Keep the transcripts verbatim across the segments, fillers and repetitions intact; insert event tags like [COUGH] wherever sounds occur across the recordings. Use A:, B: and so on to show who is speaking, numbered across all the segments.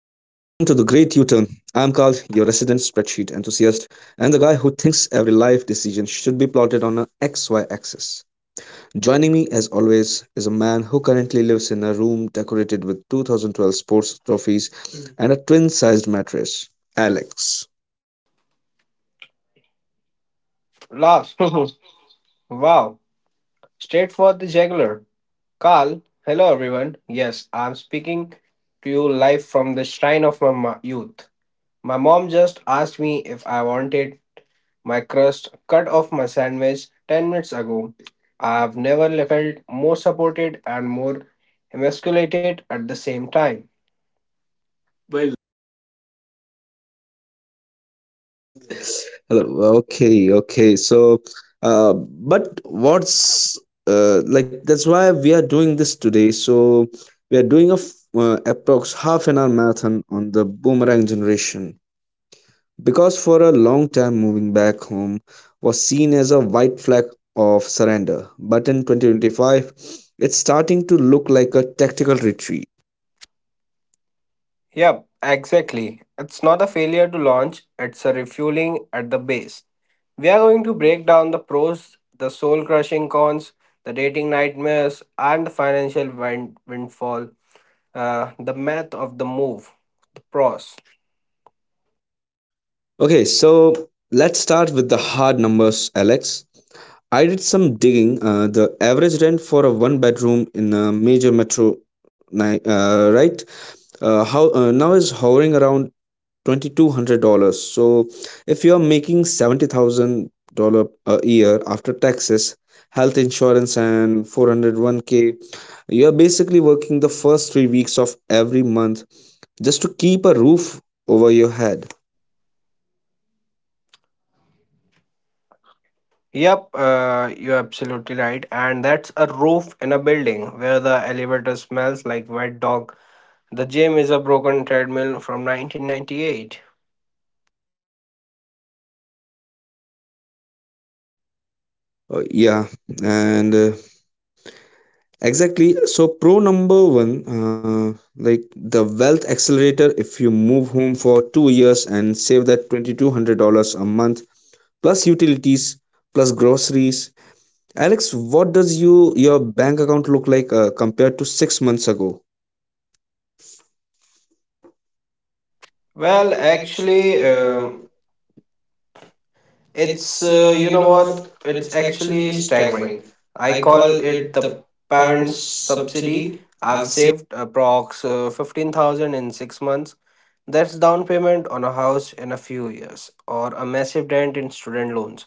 A: I'm Carl, your resident spreadsheet enthusiast, and the guy who thinks every life decision should be plotted on a X Y axis. Joining me, as always, is a man who currently lives in a room decorated with two thousand twelve sports trophies and a twin sized mattress, Alex.
B: Laughs. [LAUGHS] wow. Straight for the jugular. Carl, hello everyone. Yes, I'm speaking to you live from the shrine of my ma- youth. My mom just asked me if I wanted my crust cut off my sandwich ten minutes ago. I've never felt more supported and more emasculated at the same time. Well,
A: Hello. Okay, okay. So, uh, but what's uh, like that's why we are doing this today. So we are doing a f- uh, approx half an hour marathon on the boomerang generation, because for a long time moving back home was seen as a white flag of surrender. But in twenty twenty-five, it's starting to look like a tactical retreat.
B: yep, exactly. It's not a failure to launch, it's a refueling at the base. We are going to break down the pros, the soul crushing cons, the dating nightmares, and the financial wind- windfall, uh, the math of the move, the pros.
A: Okay, so let's start with the hard numbers, Alex. I did some digging. Uh, the average rent for a one bedroom in a major metro, ni- uh, right? Uh, how uh, Now is hovering around twenty two hundred dollars. So if you are making seventy thousand dollar a year after taxes, health insurance, and four hundred one k, you are basically working the first three weeks of every month just to keep a roof over your head.
B: Yep, uh, you're absolutely right. And that's a roof in a building where the elevator smells like wet dog. The gym is a broken treadmill from nineteen ninety-eight.
A: Uh, yeah, and uh, exactly. So, pro number one, uh, like the wealth accelerator, if you move home for two years and save that twenty-two hundred dollars a month, plus utilities, plus groceries. Alex, what does you your bank account look like uh, compared to six months ago?
B: Well,
A: Well,
B: actually,
A: actually,
B: um
A: um,
B: it's,
A: it's
B: uh,
A: uh,
B: you
A: you
B: know
A: know
B: what?
A: what?
B: It's
A: It's
B: actually
A: actually
B: staggering.
A: staggering.
B: I
A: I
B: call
A: call
B: it
A: it
B: the
A: the
B: parents'
A: parents'
B: subsidy.
A: subsidy.
B: I've
A: I've.
B: saved approx uh, fifteen thousand in six months. That's down payment on a house in a few years or a massive dent in student loans.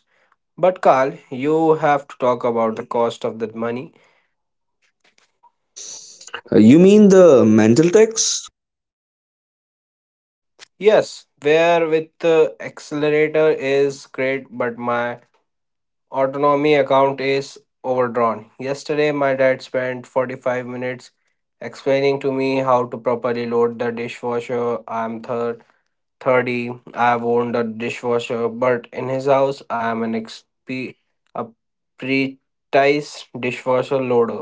B: But Carl, you have to talk about the cost of that money.
A: Uh, You mean the mental tax?
B: Yes, where with the accelerator is great, but my autonomy account is overdrawn. Yesterday, my dad spent forty-five minutes explaining to me how to properly load the dishwasher. I'm thir- thirty, I've owned a dishwasher, but in his house, I am an exp- a precise dishwasher loader.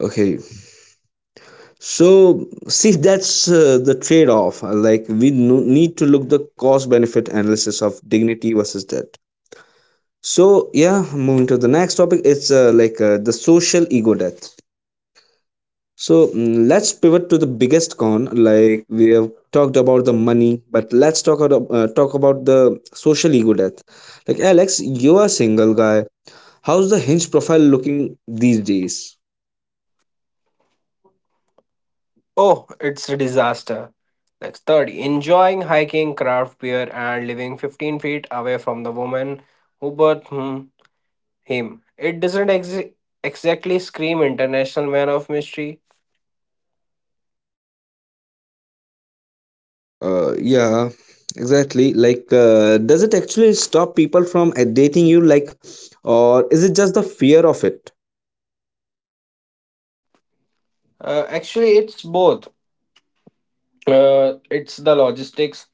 A: Okay, so see that's uh, the trade-off. Uh, Like we no- need to look the cost-benefit analysis of dignity versus debt. So yeah, moving to the next topic, it's uh, like uh, the social ego death. So mm, let's pivot to the biggest con. Like we have talked about the money, but let's talk about uh, talk about the social ego death. Like Alex, you're a single guy. How's the hinge profile looking these days?
B: Oh, it's a disaster. Next thirty. Enjoying hiking, craft beer, and living fifteen feet away from the woman who birthed. hmm, him. It doesn't ex- exactly scream international man of mystery.
A: Uh, yeah, exactly. Like, uh, does it actually stop people from uh, dating you? Like, or is it just the fear of it?
B: Uh, actually, it's both. Uh, it's the logistics.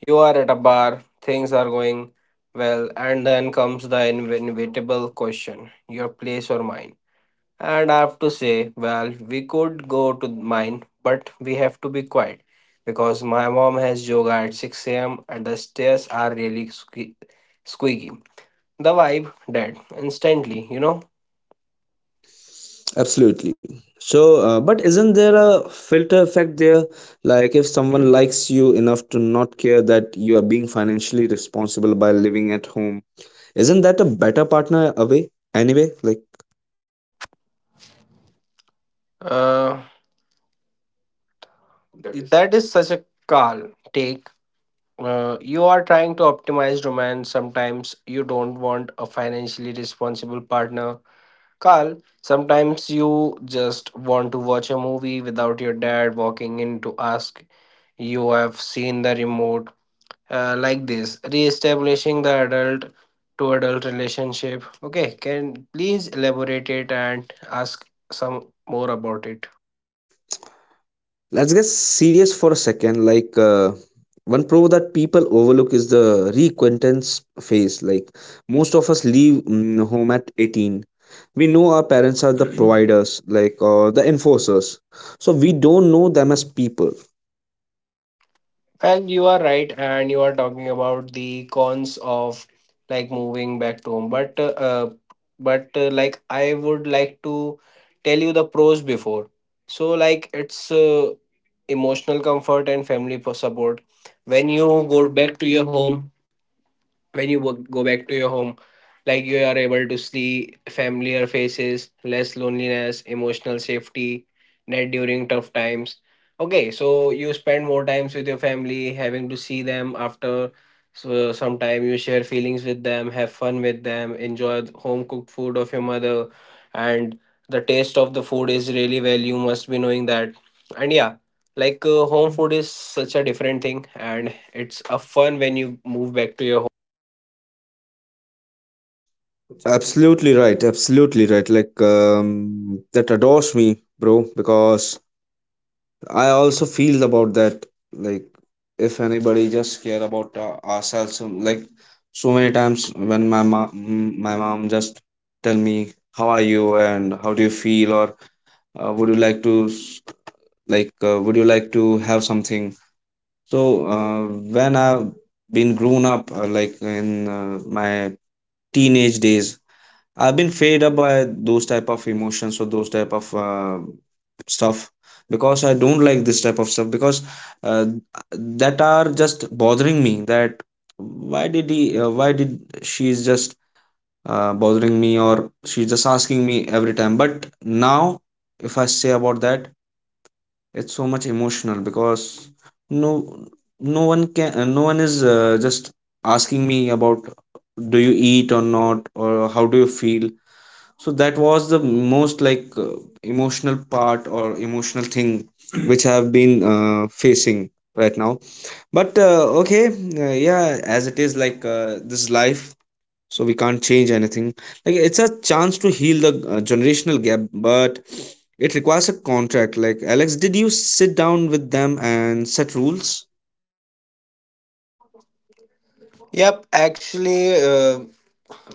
B: You are at a bar, things are going well, and then comes the in- inevitable question, your place or mine. And I have to say, well, we could go to mine, but we have to be quiet because my mom has yoga at six a m and the stairs are really sque- squeaky. The vibe, dead instantly, you know.
A: Absolutely. So, uh, but isn't there a filter effect there? Like, if someone likes you enough to not care that you are being financially responsible by living at home, isn't that a better partner away anyway? Like.
B: Uh, That is That is such a calm take. Uh, you are trying to optimize romance. Sometimes you don't want a financially responsible partner. Carl, sometimes you just want to watch a movie without your dad walking in to ask you have seen the remote. Uh, like this, re-establishing the adult to adult relationship. Okay, can please elaborate it and ask some more about it.
A: Let's get serious for a second. Like uh, one pro that people overlook is the reacquaintance phase. Like most of us leave mm, home at eighteen. We know our parents are the providers, like or the enforcers. So we don't know them as people.
B: Well, you are right, and you are talking about the cons of like moving back to home. But uh, uh, but uh, Like I would like to tell you the pros before. So like it's uh, emotional comfort and family po- support. When you go back to your home, when you wo- go back to your home, like you are able to see familiar faces, less loneliness, emotional safety net during tough times. Okay, so you spend more times with your family, having to see them after, so some time you share feelings with them, have fun with them, enjoy the home cooked food of your mother. And the taste of the food is really well, you must be knowing that. And yeah, like uh, home food is such a different thing and it's a fun when you move back to your
A: Absolutely right. Absolutely right. Like um, that adores me, bro. Because I also feel about that. Like, if anybody just care about uh, ourselves, um, like so many times when my mom, my mom just tell me how are you and how do you feel, or uh, would you like to s- like uh, would you like to have something? So, uh, when I've been grown up, uh, like in uh, my teenage days, I've been fed up by those type of emotions or those type of uh, stuff, because I don't like this type of stuff, because uh, that are just bothering me. That why did he? Uh, why did she's just uh, bothering me, or she's just asking me every time? But now, if I say about that, it's so much emotional, because no, no one can. Uh, no one is uh, just asking me about do you eat or not, or how do you feel. So that was the most like uh, emotional part or emotional thing which I have been uh, facing right now. But uh, okay, uh, yeah, as it is, like uh, this is life, so we can't change anything. Like it's a chance to heal the uh, generational gap, but it requires a contract. Like Alex, did you sit down with them and set rules?
B: Yep, actually, uh,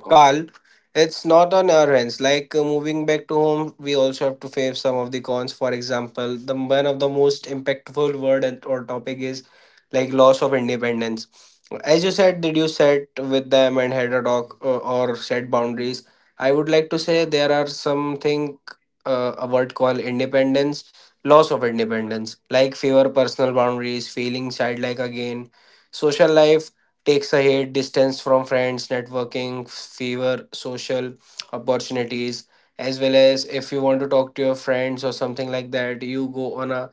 B: Carl, it's not on our hands. Like uh, moving back to home, we also have to face some of the cons. For example, the one of the most impactful word and, or topic is like loss of independence. As you said, did you set with them and had a talk uh, or set boundaries? I would like to say there are something, uh, a word called independence, loss of independence, like fewer personal boundaries, feeling childlike again. Social life takes a hit, distance from friends, networking, fewer social opportunities, as well as if you want to talk to your friends or something like that, you go on a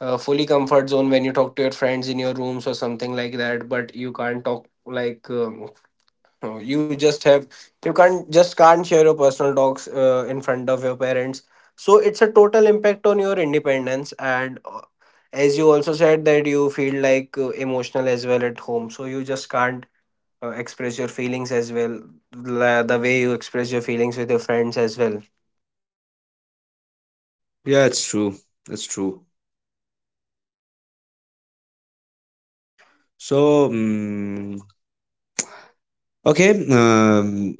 B: uh, fully comfort zone when you talk to your friends in your rooms or something like that, but you can't talk like um, uh, you just have, you can't just can't share your personal talks uh, in front of your parents. So it's a total impact on your independence and uh, as you also said that you feel like uh, emotional as well at home, so you just can't uh, express your feelings as well, la- the way you express your feelings with your friends as well.
A: Yeah, it's true. It's true. So, mm okay, um,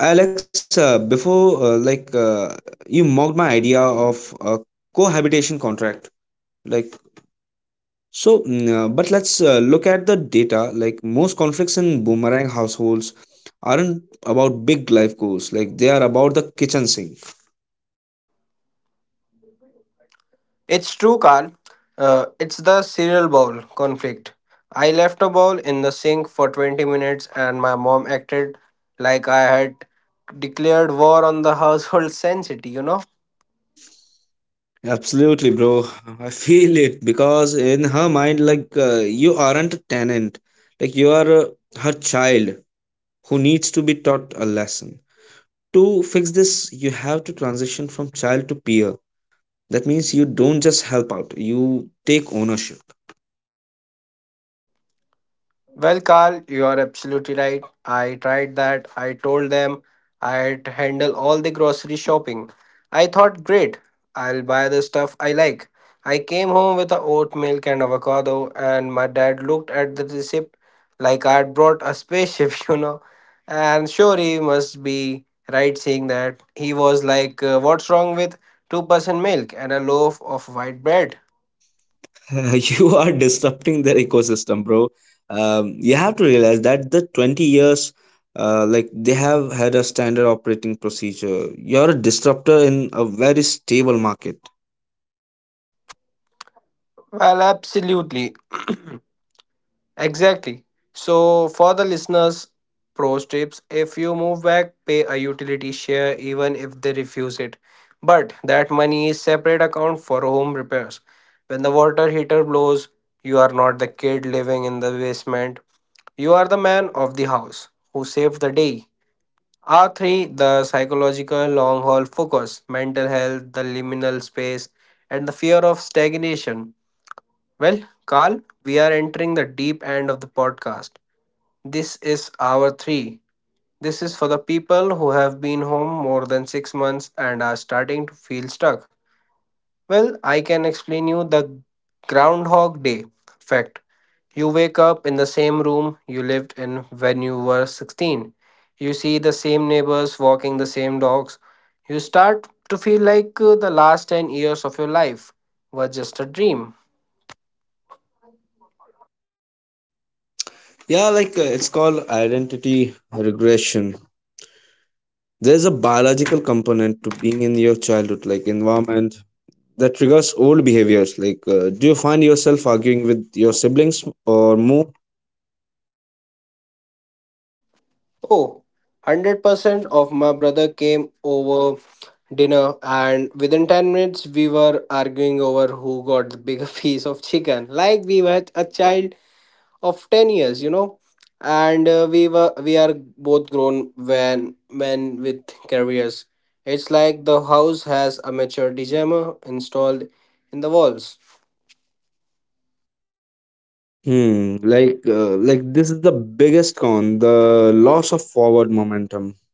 A: Alexa, before uh, like uh, you mocked my idea of a cohabitation contract, like so. mm, uh, but let's uh, look at the data. Like most conflicts in boomerang households aren't about big life goals. Like they are about the kitchen sink.
B: It's true, Carl. Uh, it's the cereal bowl conflict. I left a bowl in the sink for twenty minutes and my mom acted like I had declared war on the household [LAUGHS] sanctity, you know.
A: Absolutely, bro. [LAUGHS] I feel it, because in her mind, like uh, you aren't a tenant. Like you are uh, her child who needs to be taught a lesson. To fix this, you have to transition from child to peer. That means you don't just help out, you take ownership.
B: Well, Carl, you are absolutely right. I tried that. I told them I'd handle all the grocery shopping. I thought, great, I'll buy the stuff I like. I came home with a oat milk and avocado, and my dad looked at the receipt like I'd brought a spaceship, [LAUGHS] you know. And sure, he must be right saying that. He was like, uh, what's wrong with two percent milk and a loaf of white bread?
A: [LAUGHS] You are disrupting their ecosystem, bro. Um, you have to realize that the twenty years, uh, like they have had a standard operating procedure. You're a disruptor in a very stable market.
B: Well, absolutely. [CLEARS THROAT] Exactly. So, for the listeners, pro tips: if you move back, pay a utility share even if they refuse it. But that money is separate account for home repairs. When the water heater blows, you are not the kid living in the basement. You are the man of the house who saved the day. R three the psychological long haul focus, mental health, the liminal space, and the fear of stagnation. Well, Carl, we are entering the deep end of the podcast. This is hour three. This is for the people who have been home more than six months and are starting to feel stuck. Well, I can explain you the Groundhog Day fact. You wake up in the same room you lived in when you were sixteen. You see the same neighbors walking the same dogs. You start to feel like uh, the last ten years of your life were just a dream.
A: Yeah, like uh, it's called identity regression. There's a biological component to being in your childhood like environment that triggers old behaviors. Like uh, do you find yourself arguing with your siblings or more?
B: Oh, one hundred percent of my brother came over dinner and within ten minutes we were arguing over who got the bigger [LAUGHS] piece of chicken, like we were a child of ten years, you know. And uh, we were we are both grown when men with careers. It's like the house has a maturity jammer installed in the walls.
A: Hmm, like uh, like this is the biggest con, the loss of forward momentum.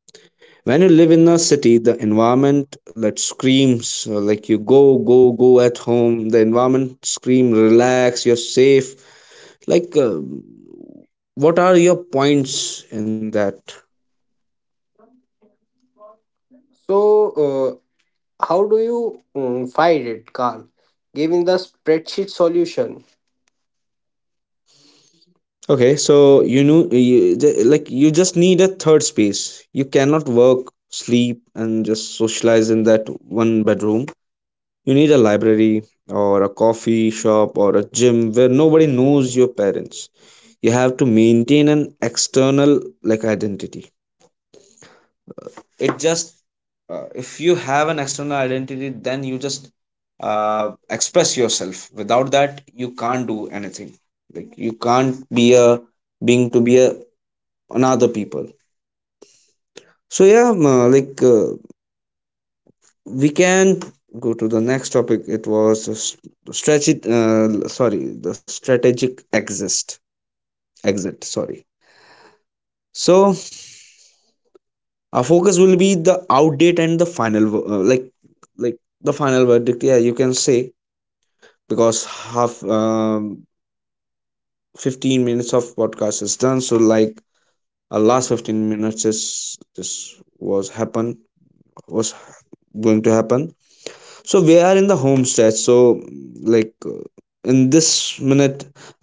A: When you live in a city, the environment that screams, uh, like you go, go, go. At home, the environment scream, relax, you're safe. Like, uh, what are your points in that?
B: So uh, how do you mm, fight it, Carl, giving the spreadsheet solution?
A: Okay, so you know, you, ju- like you just need a third space. You cannot work, sleep, and just socialize in that one bedroom. You need a library or a coffee shop or a gym where nobody knows your parents. You have to maintain an external like identity. It just uh, if you have an external identity, then you just uh, express yourself. Without that, you can't do anything. Like you can't be a being to be a another people. So yeah, um, uh, like uh, we can go to the next topic. It was a s- strategic, uh, sorry, the strategic exist exit, sorry. So our focus will be the outdate and the final, uh, like like the final verdict, yeah, you can say, because half um, fifteen minutes of podcast is done. So like our last fifteen minutes is this was happen, was going to happen. So we are in the home stretch. So like, uh, in this minute,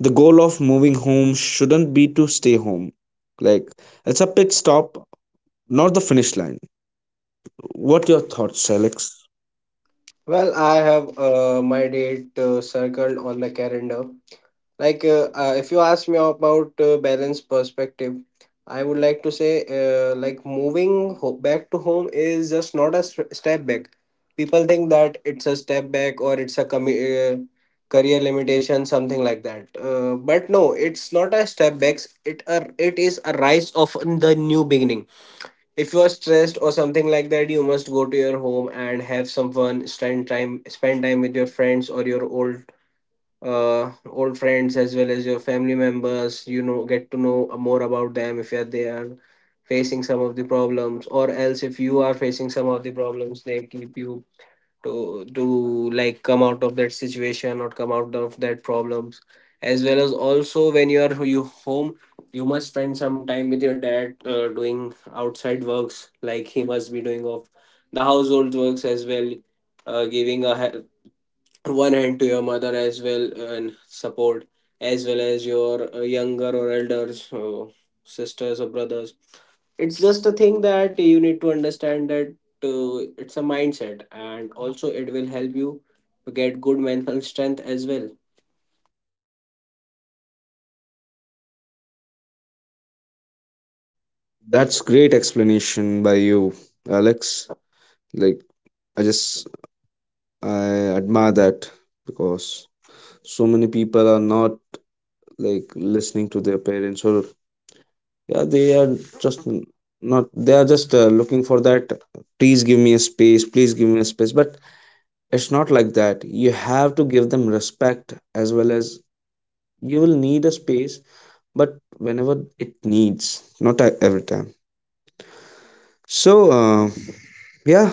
A: the goal of moving home shouldn't be to stay home. Like it's a pit stop, not the finish line. What your thoughts, Alex?
B: Well, I have uh, my date uh, circled on the calendar. Like, uh, uh, if you ask me about uh, balance perspective, I would like to say, uh, like, moving ho- back to home is just not a s- step back. People think that it's a step back or it's a commu- uh, career limitation, something like that. Uh, but no, it's not a step back. It a, it is a rise of the new beginning. If you are stressed or something like that, you must go to your home and have some fun, spend time spend time with your friends or your old uh old friends as well as your family members, you know, get to know more about them. If you are there facing some of the problems, or else if you are facing some of the problems, they keep you to to like come out of that situation or come out of that problems, as well as also when you are you home, you must spend some time with your dad uh, doing outside works, like he must be doing of the household works as well, uh, giving a he- one hand to your mother as well, and support as well as your uh, younger or elders uh, sisters or brothers. It's just a thing that you need to understand that uh, it's a mindset and also it will help you to get good mental strength as well.
A: That's great explanation by you, Alex. Like I just I admire that, because so many people are not like listening to their parents, or yeah they are just not, they are just uh, looking for that, please give me a space, please give me a space. But it's not like that. You have to give them respect, as well as you will need a space, but whenever it needs, not at every time. So uh, yeah,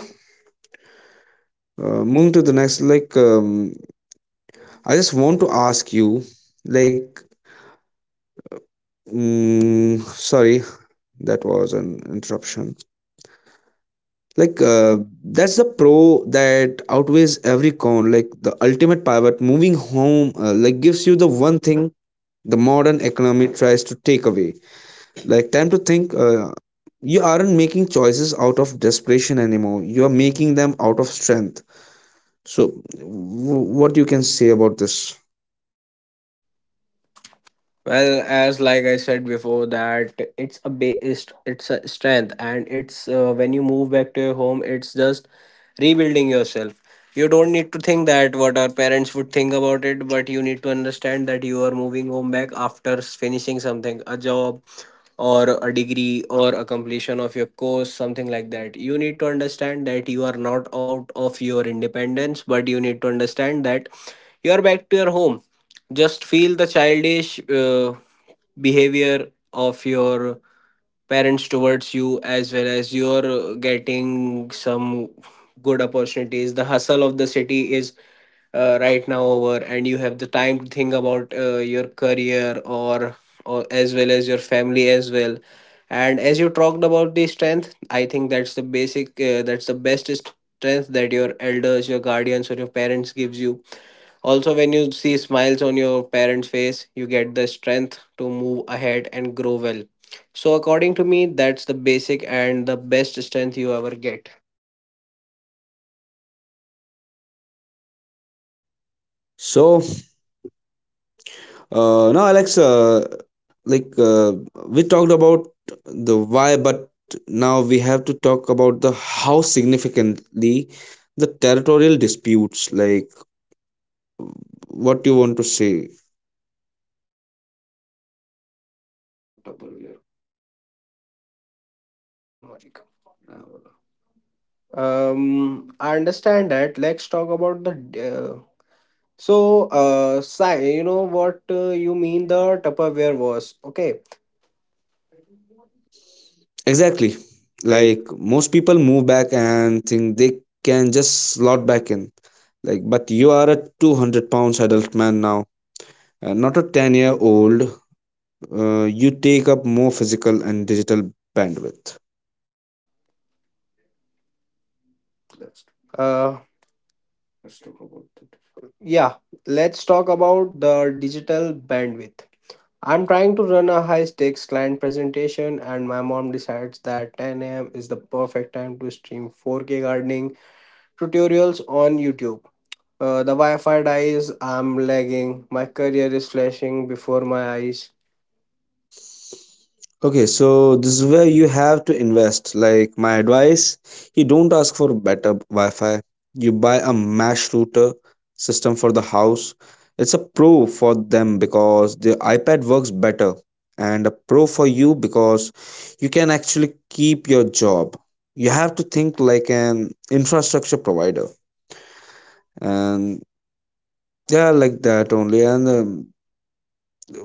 A: uh, moving to the next, like um, I just want to ask you, like, mm, sorry, that was an interruption. Like uh, that's the pro that outweighs every con, like the ultimate pivot. Moving home uh, like gives you the one thing the modern economy tries to take away, like time to think. Uh, you aren't making choices out of desperation anymore, you are making them out of strength. So w- what you can say about this?
B: Well, as like I said before, that it's a base, it's a strength, and it's uh, when you move back to your home, it's just rebuilding yourself. You don't need to think that what our parents would think about it, but you need to understand that you are moving home back after s- finishing something, a job or a degree or a completion of your course, something like that. You need to understand that you are not out of your independence, but you need to understand that you are back to your home. Just feel the childish uh, behavior of your parents towards you, as well as you're uh, getting some good opportunities. The hustle of the city is uh, right now over, and you have the time to think about uh, your career or or as well as your family as well. And as you talked about the strength, I think that's the basic uh, that's the best strength that your elders, your guardians, or your parents gives you. Also, when you see smiles on your parents' face, you get the strength to move ahead and grow well. So, according to me, that's the basic and the best strength you ever get.
A: So, Uh, now, Alex, uh, like uh, we talked about the why, but now we have to talk about the how, significantly the territorial disputes. Like, what you want to say
B: Um, I understand that. Let's talk about the. Uh, so, uh, Sai, you know what uh, you mean the Tupperware was, okay?
A: exactly?
B: Like,
A: Like most people move back and think they can just slot back in. Like, but you are a two hundred pounds adult man now, and not a ten year old. Uh, you take up more physical and digital bandwidth.
B: uh, yeah, let's talk about the digital bandwidth. I'm trying to run a high stakes client presentation, and my mom decides that ten a m is the perfect time to stream four K gardening tutorials on YouTube. Uh, the Wi Fi dies, I'm lagging, my career is flashing before my eyes.
A: Okay, so this is where you have to invest. Like my advice, you don't ask for better Wi-Fi. You buy a mesh router system for the house. It's a pro for them because the iPad works better, and a pro for you because you can actually keep your job. You have to think like an infrastructure provider, and yeah, like that only. And um,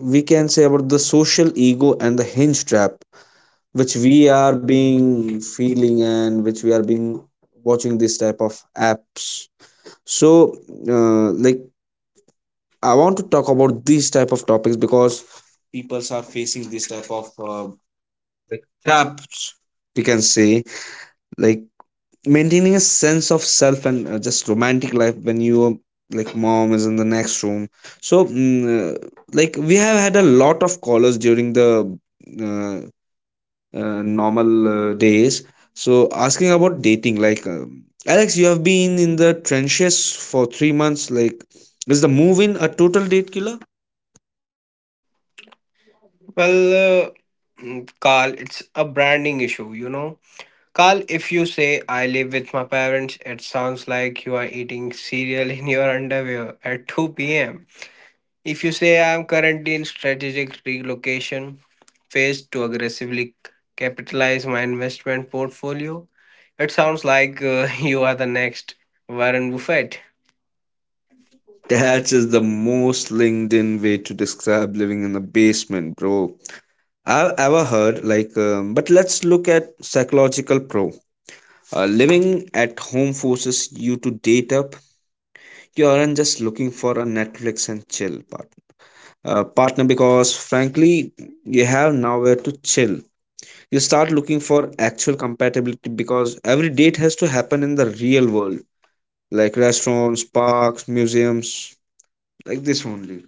A: we can say about the social ego and the hinge trap, which we are being feeling and which we are being watching this type of apps. So uh, like I want to talk about these type of topics, because peoples are facing this type of uh, like traps, we can say. Like maintaining a sense of self and uh, just romantic life, when you like mom is in the next room. So, mm, uh, like we have had a lot of callers during the uh, uh, normal uh, days. So, asking about dating, like um, Alex, you have been in the trenches for three months. Like, is the move in a total date killer? [LAUGHS]
B: Well, uh, mm, Carl, it's a branding issue, you know. Carl, if you say I live with my parents, it sounds like you are eating cereal [LAUGHS] in your underwear at two p m. If you say I'm currently in strategic relocation phase to aggressively capitalize my investment portfolio, it sounds like uh, [LAUGHS] you are the next Warren Buffett. That's
A: That is the
B: the move.
A: most LinkedIn way to describe living in the basement, bro. I've ever heard. Like, um, but let's look at psychological pro. Uh, living at home forces you to date up. You aren't just looking for a Netflix and chill partner, uh, partner because frankly you have nowhere to chill. You start looking for actual compatibility because every date has to happen in the real world, like restaurants, parks, museums, like this only.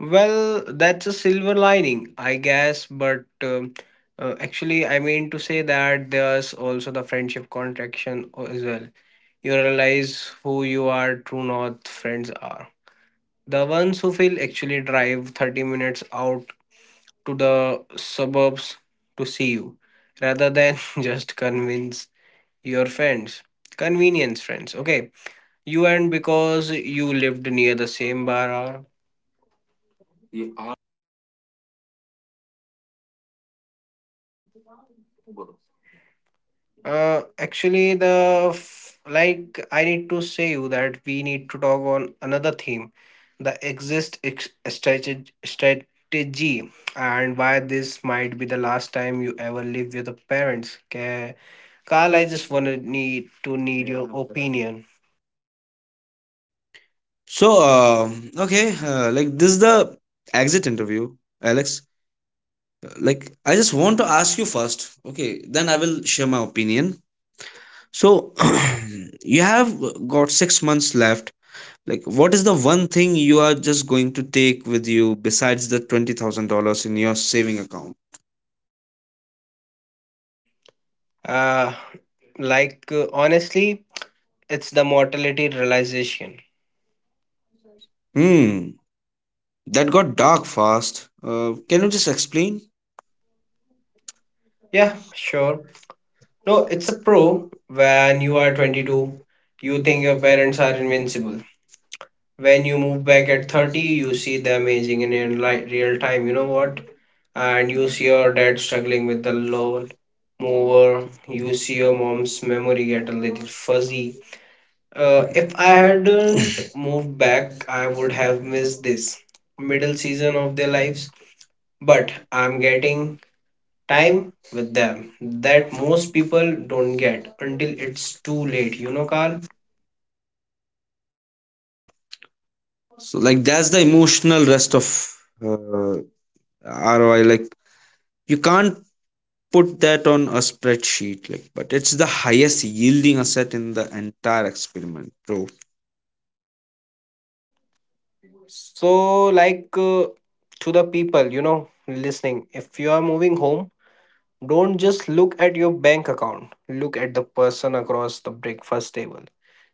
B: Well, that's a silver lining, I guess. But um, uh, actually, I mean to say that there's also the friendship contraction o- as well. You realize who you are true north friends are. The ones who feel actually drive thirty minutes out to the suburbs to see you rather than [LAUGHS] just convince your friends, convenience friends, okay, you and because you lived near the same bar or uh, actually the f- like I need to say you that we need to talk on another theme, the exist ex- strateg- strategy and why this might be the last time you ever live with your parents. Okay, Carl, I just wanna need to need your opinion.
A: so uh, okay. Uh, like, this is the exit interview, Alex. Like, I just want to ask you first, okay, then I will share my opinion. So, [CLEARS THROAT] you have got six months left. Like, what is the one thing you are just going to take with you besides the twenty thousand dollars in your saving account?
B: Uh, like uh, Honestly, it's the mortality realization.
A: Hmm. That got dark fast. Uh, can you just explain?
B: Yeah, sure. No, it's a pro. When you are twenty-two, you think your parents are invincible. When you move back at thirty, you see the aging in your li- real time. You know what? And you see your dad struggling with the loan mover. You see your mom's memory get a little fuzzy. Uh, if I hadn't moved back, I would have missed this middle season of their lives. But I'm getting time with them that most people don't get until it's too late, you know, Carl?
A: So, like, that's the emotional rest of uh, R O I. Like, you can't put that on a spreadsheet, like, but it's the highest yielding asset in the entire experiment, bro.
B: So, like, uh, to the people, you know, listening, if you are moving home, don't just look at your bank account, look at the person across the breakfast table.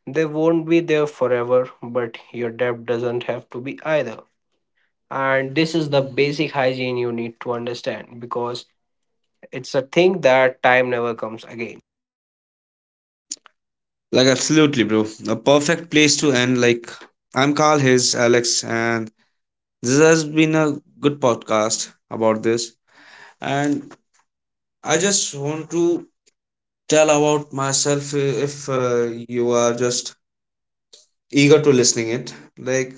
B: They won't be there forever, but your debt doesn't have to be either. And this is the basic hygiene you need to understand because it's a thing that time never comes again.
A: Like, absolutely, bro. A perfect place to end. Like, I'm Carl His, Alex, and this has been a good podcast about this. And I just want to tell about myself. Uh, if uh, you are just eager to listening it, like,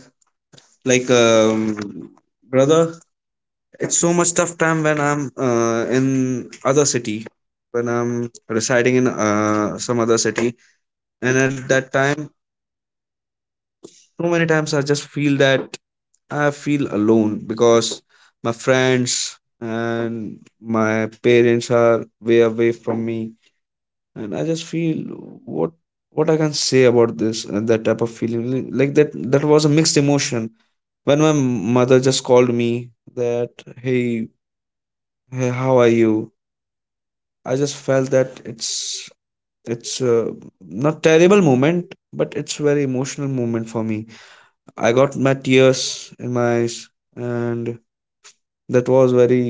A: like um brother, it's so much tough time when I'm uh, in other city, when I'm residing in uh, some other city. And at that time, so many times I just feel that I feel alone because my friends and my parents are way away from me. And I just feel what what I can say about this and that type of feeling, like like that, that was a mixed emotion. When my mother just called me that, hey, hey how are you? I just felt that it's it's uh, not terrible moment, but it's very emotional moment for me. I got my tears in my eyes, and that was very,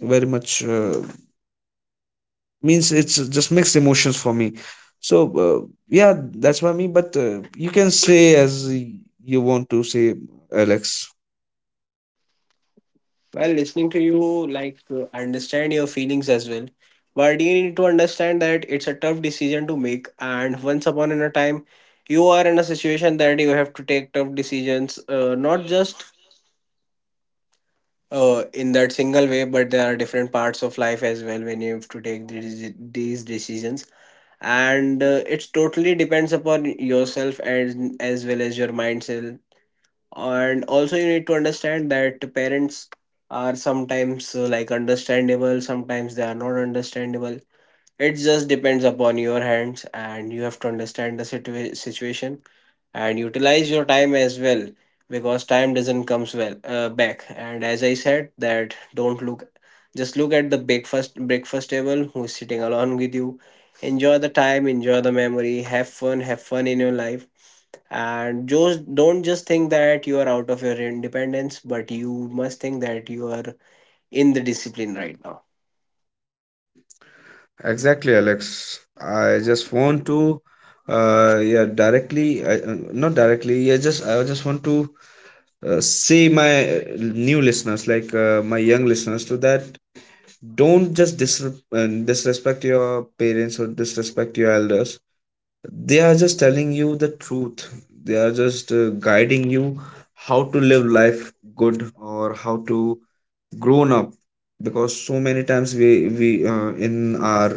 A: very much uh, means it's just mixed emotions for me. So uh, yeah, that's what me. But uh, you can say as you want to say, Alex.
B: Well, listening to you, like uh, I understand your feelings as well, but you need to understand that it's a tough decision to make, and once upon in a time you are in a situation that you have to take tough decisions, uh, not just uh, in that single way, but there are different parts of life as well, when you have to take these, these decisions. And uh, it's totally depends upon yourself, and as well as your mindset. And also you need to understand that parents are sometimes uh, like understandable, sometimes they are not understandable. It just depends upon your hands, and you have to understand the situa- situation and utilize your time as well, because time doesn't comes well uh, back. And as I said that, don't look, just look at the breakfast breakfast table, who's sitting along with you. Enjoy the time, enjoy the memory, have fun have fun in your life. And just don't just think that you are out of your independence, but you must think that you are in the discipline right now.
A: Exactly, Alex. I just want to, uh, yeah, directly, I, uh, not directly. Yeah, just I just want to uh, say my uh, new listeners, like, uh, my young listeners, to that don't just dis uh, disrespect your parents or disrespect your elders. They are just telling you the truth. They are just uh, guiding you how to live life good or how to grown up. Because so many times we we uh, in our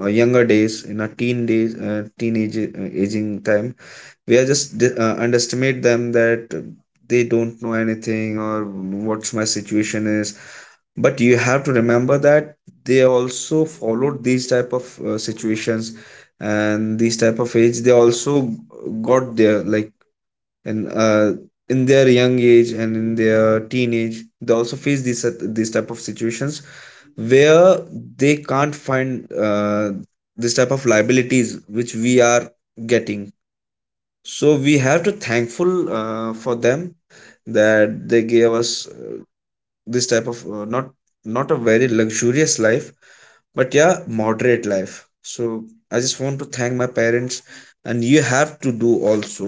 A: uh, younger days, in our teen days, uh, teenage uh, aging time, we are just uh, underestimate them that they don't know anything or what's my situation is. But you have to remember that they also followed these type of uh, situations. And these type of age, they also got there, like, in uh, in their young age and in their teenage, they also face these these type of situations where they can't find uh, this type of liabilities which we are getting. So we have to thankful uh, for them, that they gave us uh, this type of uh, not, not a very luxurious life, but yeah, moderate life. So I just want to thank my parents. And you have to do also,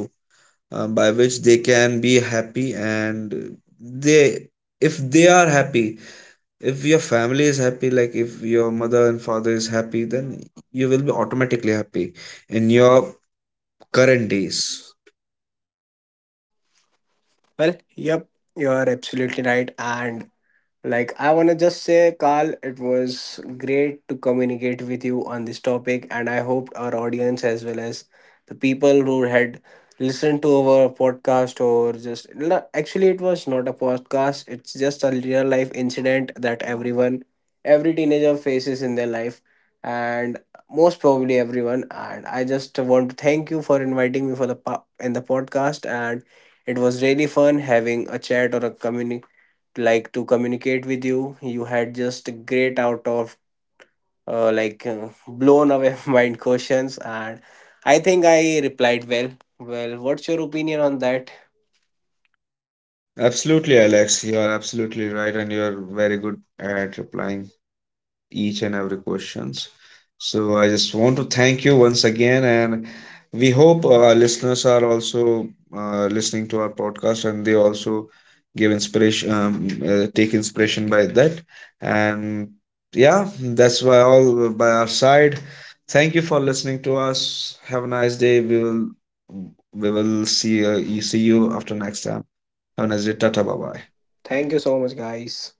A: uh, by which they can be happy. And they, if they are happy, if your family is happy, like if your mother and father is happy, then you will be automatically happy in your current days.
B: Well, yep, you are absolutely right. And like, I want to just say, Carl, it was great to communicate with you on this topic, and I hope our audience, as well as the people who had listened to our podcast, or just no, actually, it was not a podcast, it's just a real life incident that everyone, every teenager faces in their life, and most probably everyone. And I just want to thank you for inviting me for the po- in the podcast, and it was really fun having a chat or a communication like to communicate with you. You had just great out of uh, like uh, blown away [LAUGHS] mind questions, and I think I replied well. Well, what's your opinion on that?
A: Absolutely, Alex. You are absolutely right, and you are very good at replying each and every questions. So I just want to thank you once again, and we hope our listeners are also uh, listening to our podcast, and they also give inspiration, um, uh, take inspiration by that. And yeah, that's why all by our side. Thank you for listening to us. Have a nice day. We will we will see uh, see you after next time. Honest တွေတက်ထပ်ပါပါတယ်
B: Thank you so much, guys.